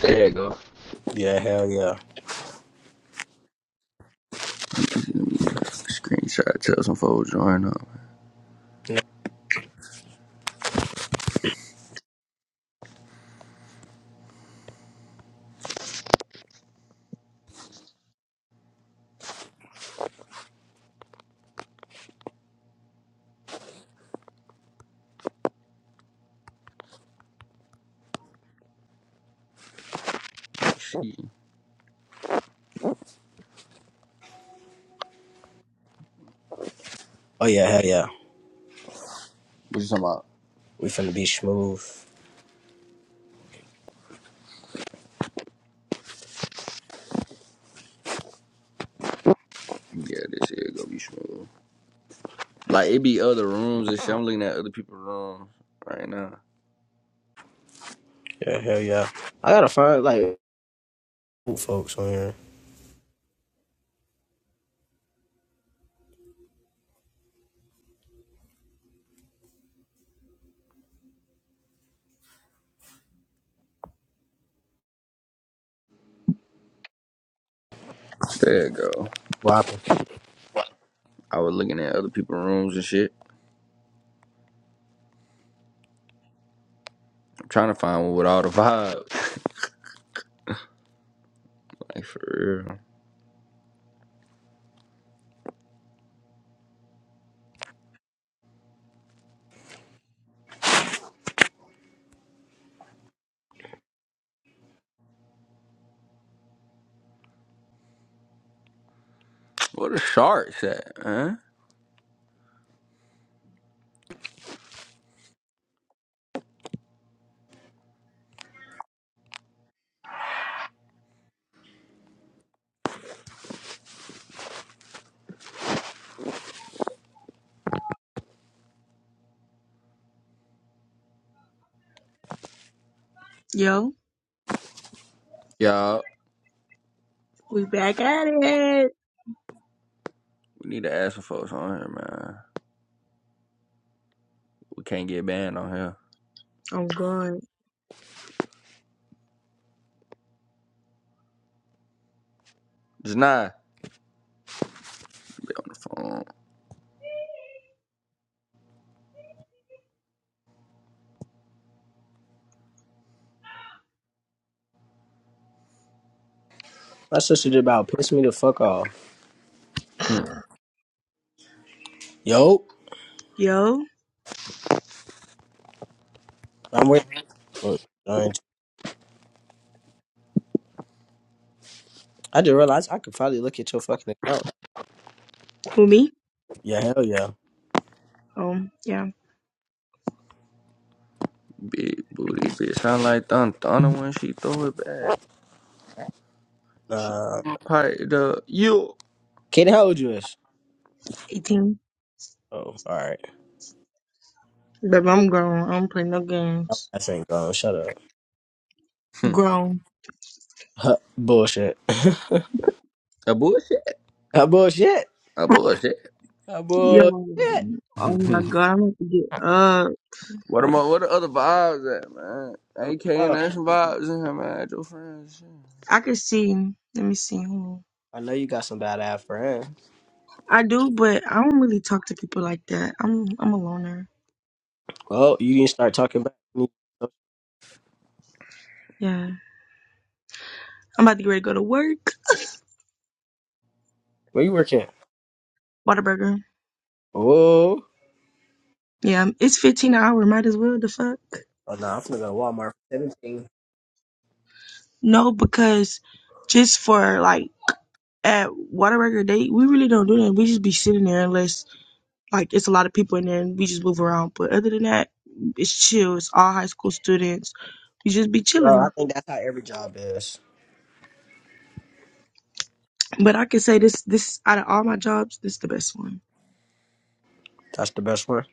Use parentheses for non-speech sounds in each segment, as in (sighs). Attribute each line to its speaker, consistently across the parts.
Speaker 1: There you go.
Speaker 2: Yeah, hell yeah.
Speaker 1: Screenshot, tell some folks join up. Shit.
Speaker 2: Oh yeah, hell yeah.
Speaker 1: What you talking about?
Speaker 2: We finna be smooth.
Speaker 1: Yeah, this shit gonna be smooth. Like it be other rooms and shit. I'm looking at other people's rooms right now.
Speaker 2: Yeah, hell yeah. I gotta find like cool folks on here.
Speaker 1: There you go.
Speaker 2: Rapping.
Speaker 1: I was looking at other people's rooms and shit. I'm trying to find one with all the vibes. Like for real. Where the sharks at, huh?
Speaker 3: Yo,
Speaker 1: Y'all,
Speaker 3: we back at it.
Speaker 1: we need to ask some folks on here, man. We can't get banned on here.
Speaker 3: I'm gone.
Speaker 1: It's not on the phone.
Speaker 2: My sister just about pissed me the fuck off.
Speaker 1: Hmm.
Speaker 2: Yo,
Speaker 3: Yo,
Speaker 2: I'm waiting for it. Alright. I didn't realize I could probably look at your fucking account.
Speaker 3: who me?
Speaker 2: Yeah, hell yeah.
Speaker 3: Um, yeah,
Speaker 1: Big booty bitch. Sound like Thun Thunder when she throw it back. Shit.
Speaker 2: Uh
Speaker 1: Like the you
Speaker 2: Kaden, how old you is?
Speaker 3: 18.
Speaker 2: Oh, alright.
Speaker 3: Baby, I'm grown. I don't play no
Speaker 2: I
Speaker 3: games.
Speaker 2: ain't gone. Shut up.
Speaker 1: Hmm.
Speaker 3: Grown.
Speaker 2: Huh, bullshit. (laughs)
Speaker 1: a bullshit,
Speaker 2: Huh, bullshit.
Speaker 1: a bullshit.
Speaker 2: Huh, bullshit.
Speaker 3: Yo, oh my
Speaker 1: (laughs)
Speaker 3: god, I'm about to get up.
Speaker 1: What am I? What the other vibes at, man?
Speaker 2: Okay.
Speaker 1: AK ain't
Speaker 2: Oh,
Speaker 1: nothing some vibes in here, man. At your friends,
Speaker 3: I can see. Let me see. Hold on.
Speaker 2: I know you got some bad ass friends.
Speaker 3: I do, but I don't really talk to people like that. I'm I'm a loner.
Speaker 2: Well, you didn't start talking back to me.
Speaker 3: Yeah, I'm about to get ready to go to work.
Speaker 2: Where you working?
Speaker 3: Whataburger.
Speaker 2: Oh,
Speaker 3: Yeah, it's 15 an hour. Might as well. The fuck.
Speaker 2: Oh no, I'm finna go to Walmart. for Seventeen.
Speaker 3: No, because just for like at Waterburger, they we really don't do that. We just be sitting there unless like it's a lot of people in there and we just move around. But other than that, it's chill. It's all high school students. We just be
Speaker 2: Bro, I
Speaker 3: chilling.
Speaker 2: think that's how every job is.
Speaker 3: But I can say this this out of all my jobs, this the best one.
Speaker 2: That's the best one.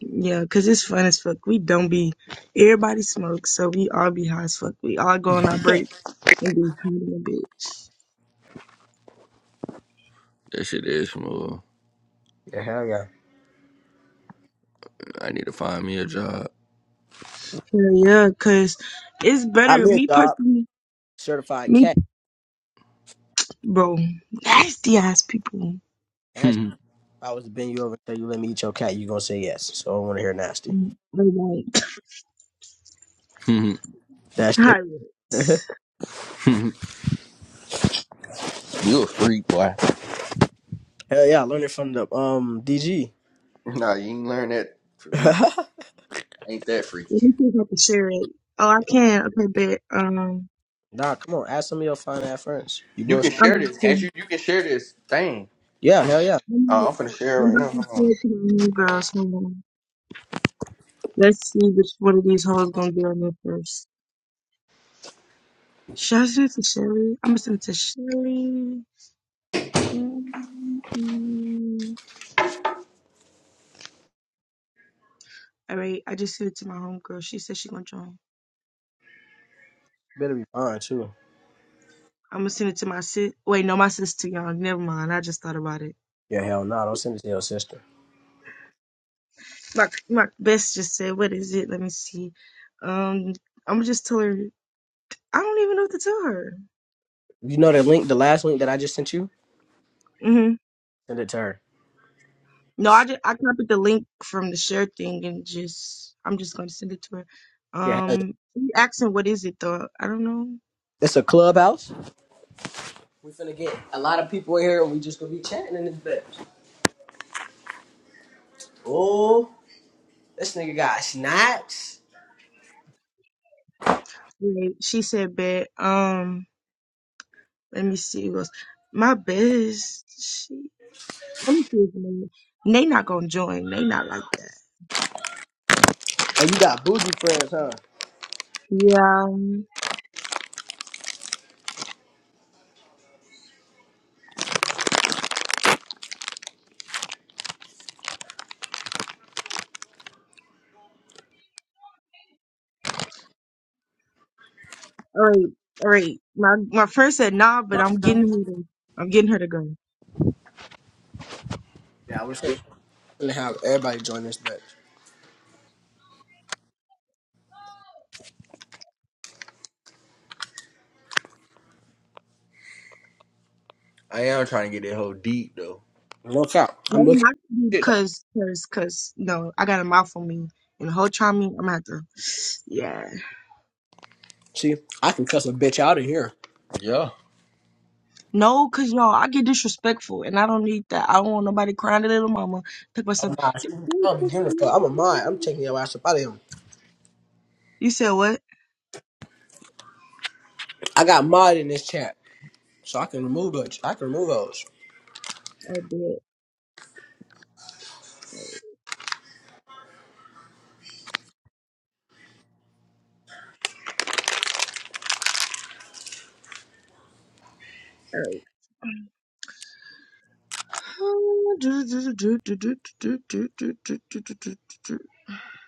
Speaker 3: Yeah, cause it's fun as fuck. We don't be everybody smokes, so we all be high as fuck. We all go on our break
Speaker 1: shit.
Speaker 3: and be high a bitch.
Speaker 1: (laughs) That shit is smooth.
Speaker 2: Yeah, hell yeah.
Speaker 1: I need to find me a job.
Speaker 3: Hell yeah, cause it's
Speaker 2: Got
Speaker 3: better.
Speaker 2: me a
Speaker 3: Me
Speaker 2: job,
Speaker 3: personally,
Speaker 2: certified
Speaker 3: me
Speaker 2: cat.
Speaker 3: bro, nasty ass people.
Speaker 1: (laughs)
Speaker 2: That shit, if I was to bend you over and tell you let me eat your cat, you gonna say yes. So I don't wanna hear nasty.
Speaker 3: Like,
Speaker 1: you
Speaker 3: (laughs)
Speaker 2: That shit.
Speaker 3: hi,
Speaker 2: (laughs)
Speaker 1: a freak, boy. (laughs)
Speaker 2: hell yeah, I learned it from the um DG.
Speaker 1: Nah, you ain't learn that
Speaker 2: (laughs)
Speaker 1: from me. Ain't that
Speaker 3: Let
Speaker 1: freaky?
Speaker 3: me see if I can share it. Oh, I can. Okay, bet. Um,
Speaker 2: nah, come on, ask some of your fine ass friends. You
Speaker 1: You can
Speaker 2: bullshit.
Speaker 3: I'm
Speaker 1: share
Speaker 3: about
Speaker 1: this, can't
Speaker 3: to.
Speaker 1: you? You can share this thing.
Speaker 2: Yeah, hell yeah.
Speaker 3: I'm
Speaker 1: Uh, I'm finna share
Speaker 3: I'm
Speaker 1: it right
Speaker 3: about
Speaker 1: now.
Speaker 3: to
Speaker 1: Hold on.
Speaker 3: share it to my new girls. Hold on. Let's see which one of these hoes gonna get on there first. Should I send it to Sherry? I'm gonna send it to Sherry. Mm-hmm. All right, I just sent it to my homegirl. She said she gonna join.
Speaker 2: Better be fine too.
Speaker 3: I'm gonna send it to my sis. Wait, no, my sis too young. Never mind. I just thought about it.
Speaker 2: Yeah, hell no, don't send it to your sister.
Speaker 3: My my best just said, "What is it?" Let me see. Um, I'm gonna just tell her. I don't even know what to tell her.
Speaker 2: You know the link, the last link that I just sent you?
Speaker 3: hmm
Speaker 2: Send it to her.
Speaker 3: No, I just I copied the link from the share thing and just I'm just gonna send it to her.
Speaker 2: Yeah, hell yeah.
Speaker 3: Um, you asking what is it though? I don't know.
Speaker 2: It's a clubhouse. We finna get a lot of people in here and we just gonna be chatting in this bitch. Oh, this nigga got snacks.
Speaker 3: Wait, she said bet. Um, let me see. It was my best. She, let me see his name. They not gonna join. They not like that.
Speaker 2: And you got bougie friends, huh?
Speaker 3: Yeah. um, All right. All right. My my friend said nah, but I'm getting her to I'm getting her to go.
Speaker 2: Yeah, we're finna have everybody join this bitch.
Speaker 1: I am trying to get that whole deep though.
Speaker 2: Look out.
Speaker 3: No,
Speaker 2: I'm looking
Speaker 3: not
Speaker 2: at shit.
Speaker 3: because because because no, I got a mouth on me and the whole time I'm gonna have to. Yeah.
Speaker 2: See, I can cuss a bitch out of here.
Speaker 1: Yeah,
Speaker 3: No, cause y'all, I get disrespectful, and I don't need that. I don't want nobody crying to little mama. Talk about some.
Speaker 2: I'm not. I don't be giving a fuck. I'm a mod. I'm taking your ass up out of here.
Speaker 3: You said what?
Speaker 2: I got mod in this chat, so I can remove those. I can remove those.
Speaker 3: I did. (sighs)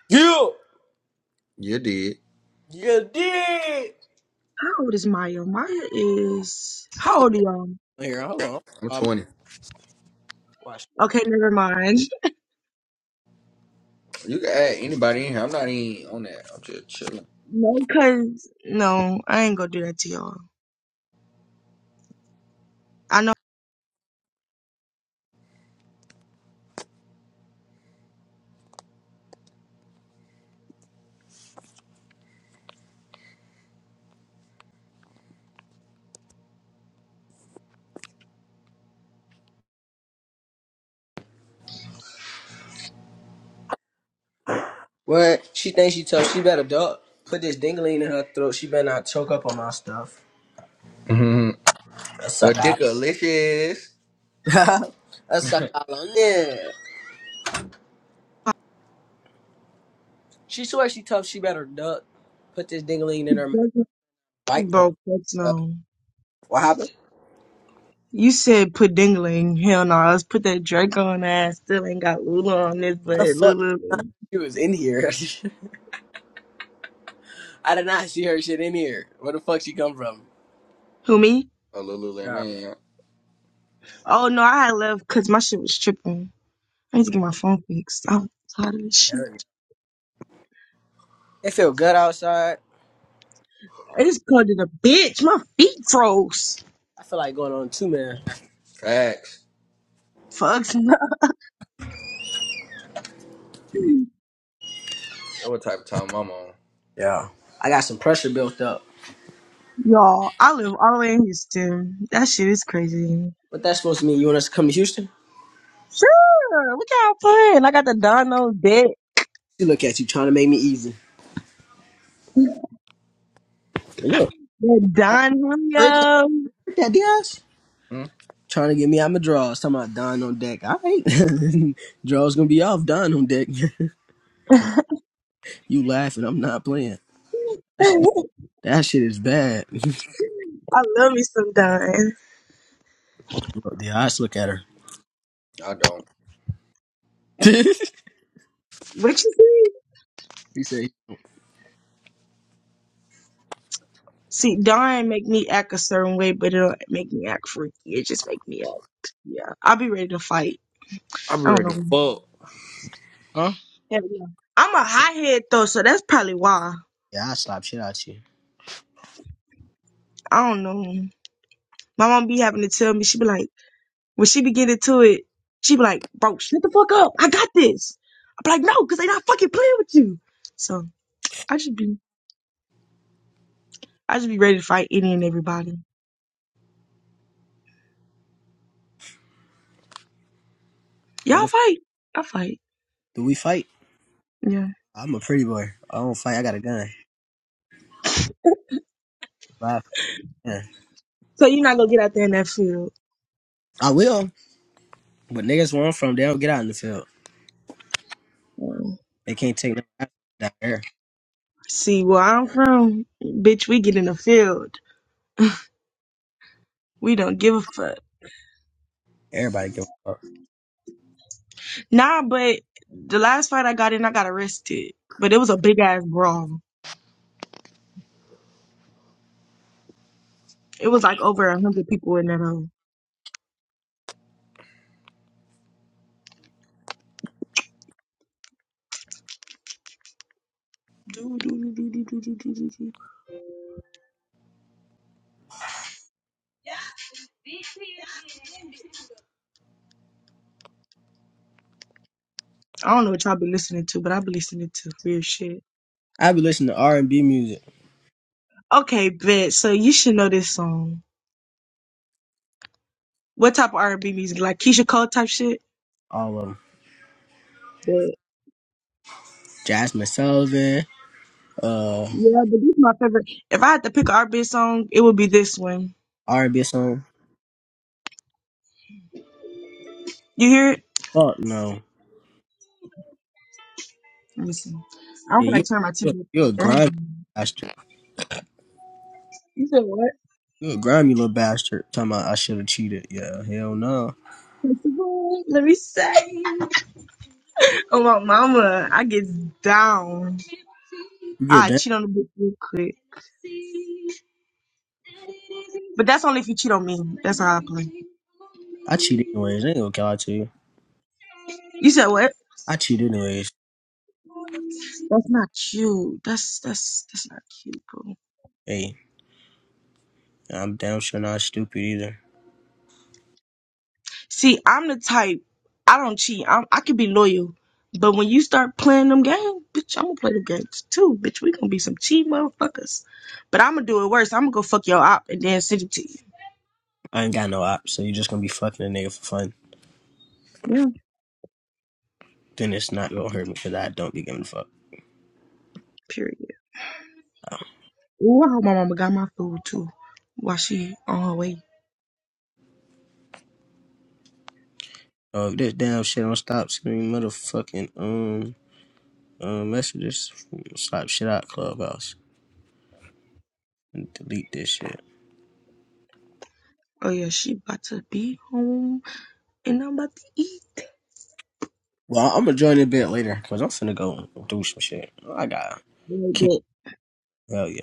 Speaker 2: You,
Speaker 1: you did.
Speaker 2: you did.
Speaker 3: How old is Maya? Maya is
Speaker 2: That's
Speaker 3: how
Speaker 2: a
Speaker 3: old are y'all?
Speaker 2: on here. Hold
Speaker 1: I'm
Speaker 2: on. Um,
Speaker 1: 20.
Speaker 2: watch.
Speaker 3: Okay, never mind.
Speaker 1: You can add anybody in here. I'm not even on that. I'm just chilling.
Speaker 3: No, cause no, I ain't gonna do that to y'all. I know,
Speaker 2: What? She thinks she tough. She better duck. Put this dingling in her throat. She better not choke up on my stuff.
Speaker 1: mm hmm
Speaker 2: A
Speaker 1: A
Speaker 2: suck out.
Speaker 1: dick delicious.
Speaker 2: (laughs) a
Speaker 1: (laughs)
Speaker 2: suck
Speaker 1: A
Speaker 2: out on there. She swears she tough. She better duck. Put this dingling in her mouth. Bite my
Speaker 3: bro. That's
Speaker 2: stuff.
Speaker 3: no.
Speaker 2: What happened?
Speaker 3: You said put dingling. Hell no, let's put that Drake on ass. Still ain't got Lula on this, but
Speaker 2: How the fuck
Speaker 3: Lulu.
Speaker 2: she was in here? (laughs) I did not see her shit in here. Where the fuck she come from?
Speaker 3: Who me?
Speaker 1: little
Speaker 2: Yeah.
Speaker 1: man.
Speaker 3: Oh no, I had left because my shit was tripping. I need to get my phone fixed. I'm tired of this shit.
Speaker 2: hell yeah. It feel good outside.
Speaker 3: I just called it a bitch. My feet froze.
Speaker 2: I feel like going on two man.
Speaker 1: Facts.
Speaker 3: Fucks,
Speaker 1: That what type of time I'm on.
Speaker 2: Yeah. I got some pressure built up.
Speaker 3: (laughs) y'all. I live all the way in Houston. That shit is crazy.
Speaker 2: What that supposed to mean? You want us to come to Houston?
Speaker 3: Sure, look how I'm playing. I got the Dono deck.
Speaker 2: She look at you trying to make me easy. Look.
Speaker 3: That Don
Speaker 2: Heard
Speaker 3: Julio.
Speaker 2: That Diaz
Speaker 1: hmm
Speaker 2: trying to get me out my drawers. Talking about Don on deck. All right, (laughs) drawers gonna be off. Don on deck.
Speaker 3: (laughs)
Speaker 2: (laughs) you laughing? I'm not playing. That, sh- that shit is bad. (laughs)
Speaker 3: I love me some Don.
Speaker 2: Bro, Diaz, look at her.
Speaker 1: I don't.
Speaker 2: (laughs) he
Speaker 3: What you say?
Speaker 2: say,
Speaker 3: See, dying make me act a certain way, but it'll make me act freaky. It just make me act, yeah. I'll be ready to fight.
Speaker 1: I be
Speaker 3: I don't
Speaker 1: ready to
Speaker 3: know.
Speaker 1: fuck.
Speaker 2: "Huh?
Speaker 3: Hell yeah. I'm a hot head though, so that's probably why.
Speaker 2: Yeah, I slap shit out you."
Speaker 3: I don't know. My mom be having to tell me, she be like, when she be getting to it, she be like, bro, shut the fuck up. I got this. I be like, no, because they not fucking playing with you. So I just be, I just be ready to fight any and everybody.
Speaker 2: What
Speaker 3: Y'all
Speaker 2: the f-
Speaker 3: fight. I fight.
Speaker 2: do we fight?
Speaker 3: Yeah.
Speaker 2: I'm a pretty boy. I don't fight. I got a gun. Live gun.
Speaker 3: So you're not gonna get out there in that field.
Speaker 2: I will, but niggas where I'm from, they don't get out in the field.
Speaker 3: Mm.
Speaker 2: They can't take no ass down there.
Speaker 3: See where I'm from, bitch, we get in the field. We don't give a fuck.
Speaker 2: Everybody give a fuck.
Speaker 3: Nah, but the last fight I got in, I got arrested. But it was a big ass brawl. It was like over a hundred people in that hole. Do, do, do, do, do, do, do, do, do, I don't know what y'all be listening to, but I be listening to weird shit.
Speaker 2: I be listening to R and B music,
Speaker 3: Okay, bet. So you should know this song. What type of R&B music? Like Keisha Cole type shit?
Speaker 2: all of them.
Speaker 3: But
Speaker 2: Jasmine Sullivan, uh,
Speaker 3: yeah, but this is my favorite. If I had to pick an R&B song, it would be this one.
Speaker 2: R&B song?
Speaker 3: You hear it?
Speaker 2: Fuck no.
Speaker 3: Let me see. I don't
Speaker 2: Yeah,
Speaker 3: feel like
Speaker 2: you
Speaker 3: turning
Speaker 2: you you a
Speaker 3: my TV.
Speaker 2: grimy bastard.
Speaker 3: You said what?
Speaker 2: You a grimy little bastard. Talking about I should have cheated. Yeah, hell no.
Speaker 3: (laughs) Principal? Let me say. Oh my mama, I get down.
Speaker 2: You get
Speaker 3: I
Speaker 2: down.
Speaker 3: cheat on the bitch real quick. But that's only if you cheat on me. That's how I play.
Speaker 2: I cheat anyways. I ain't gonna lie to you.
Speaker 3: You said what?
Speaker 2: I cheat anyways.
Speaker 3: That's not cute. That's that's that's not cute, bro.
Speaker 2: Hey, I'm damn sure not stupid either.
Speaker 3: See, I'm the type. I don't cheat. I'm, I can be loyal. But when you start playing them games, bitch, I'm gonna play them games too, bitch. We gonna be some cheat motherfuckers. But I'm gonna do it worse. I'm gonna go fuck your op and then send it to you.
Speaker 2: I ain't got no ops, so you're just gonna be fucking a nigga for fun.
Speaker 3: Yeah.
Speaker 2: Then it's not gonna hurt me because I don't be giving a fuck.
Speaker 3: Period. Ooh, I hope my mama got my food too while she on her way.
Speaker 2: Oh, if this damn shit don't stop screaming motherfucking um um messages. Slap shit out clubhouse and delete this shit.
Speaker 3: Oh yeah, she about to be home and I'm about to eat.
Speaker 2: Well, I'm gonna join a bit later because I'm finna go do some shit. I got
Speaker 3: Right,
Speaker 2: hell yeah.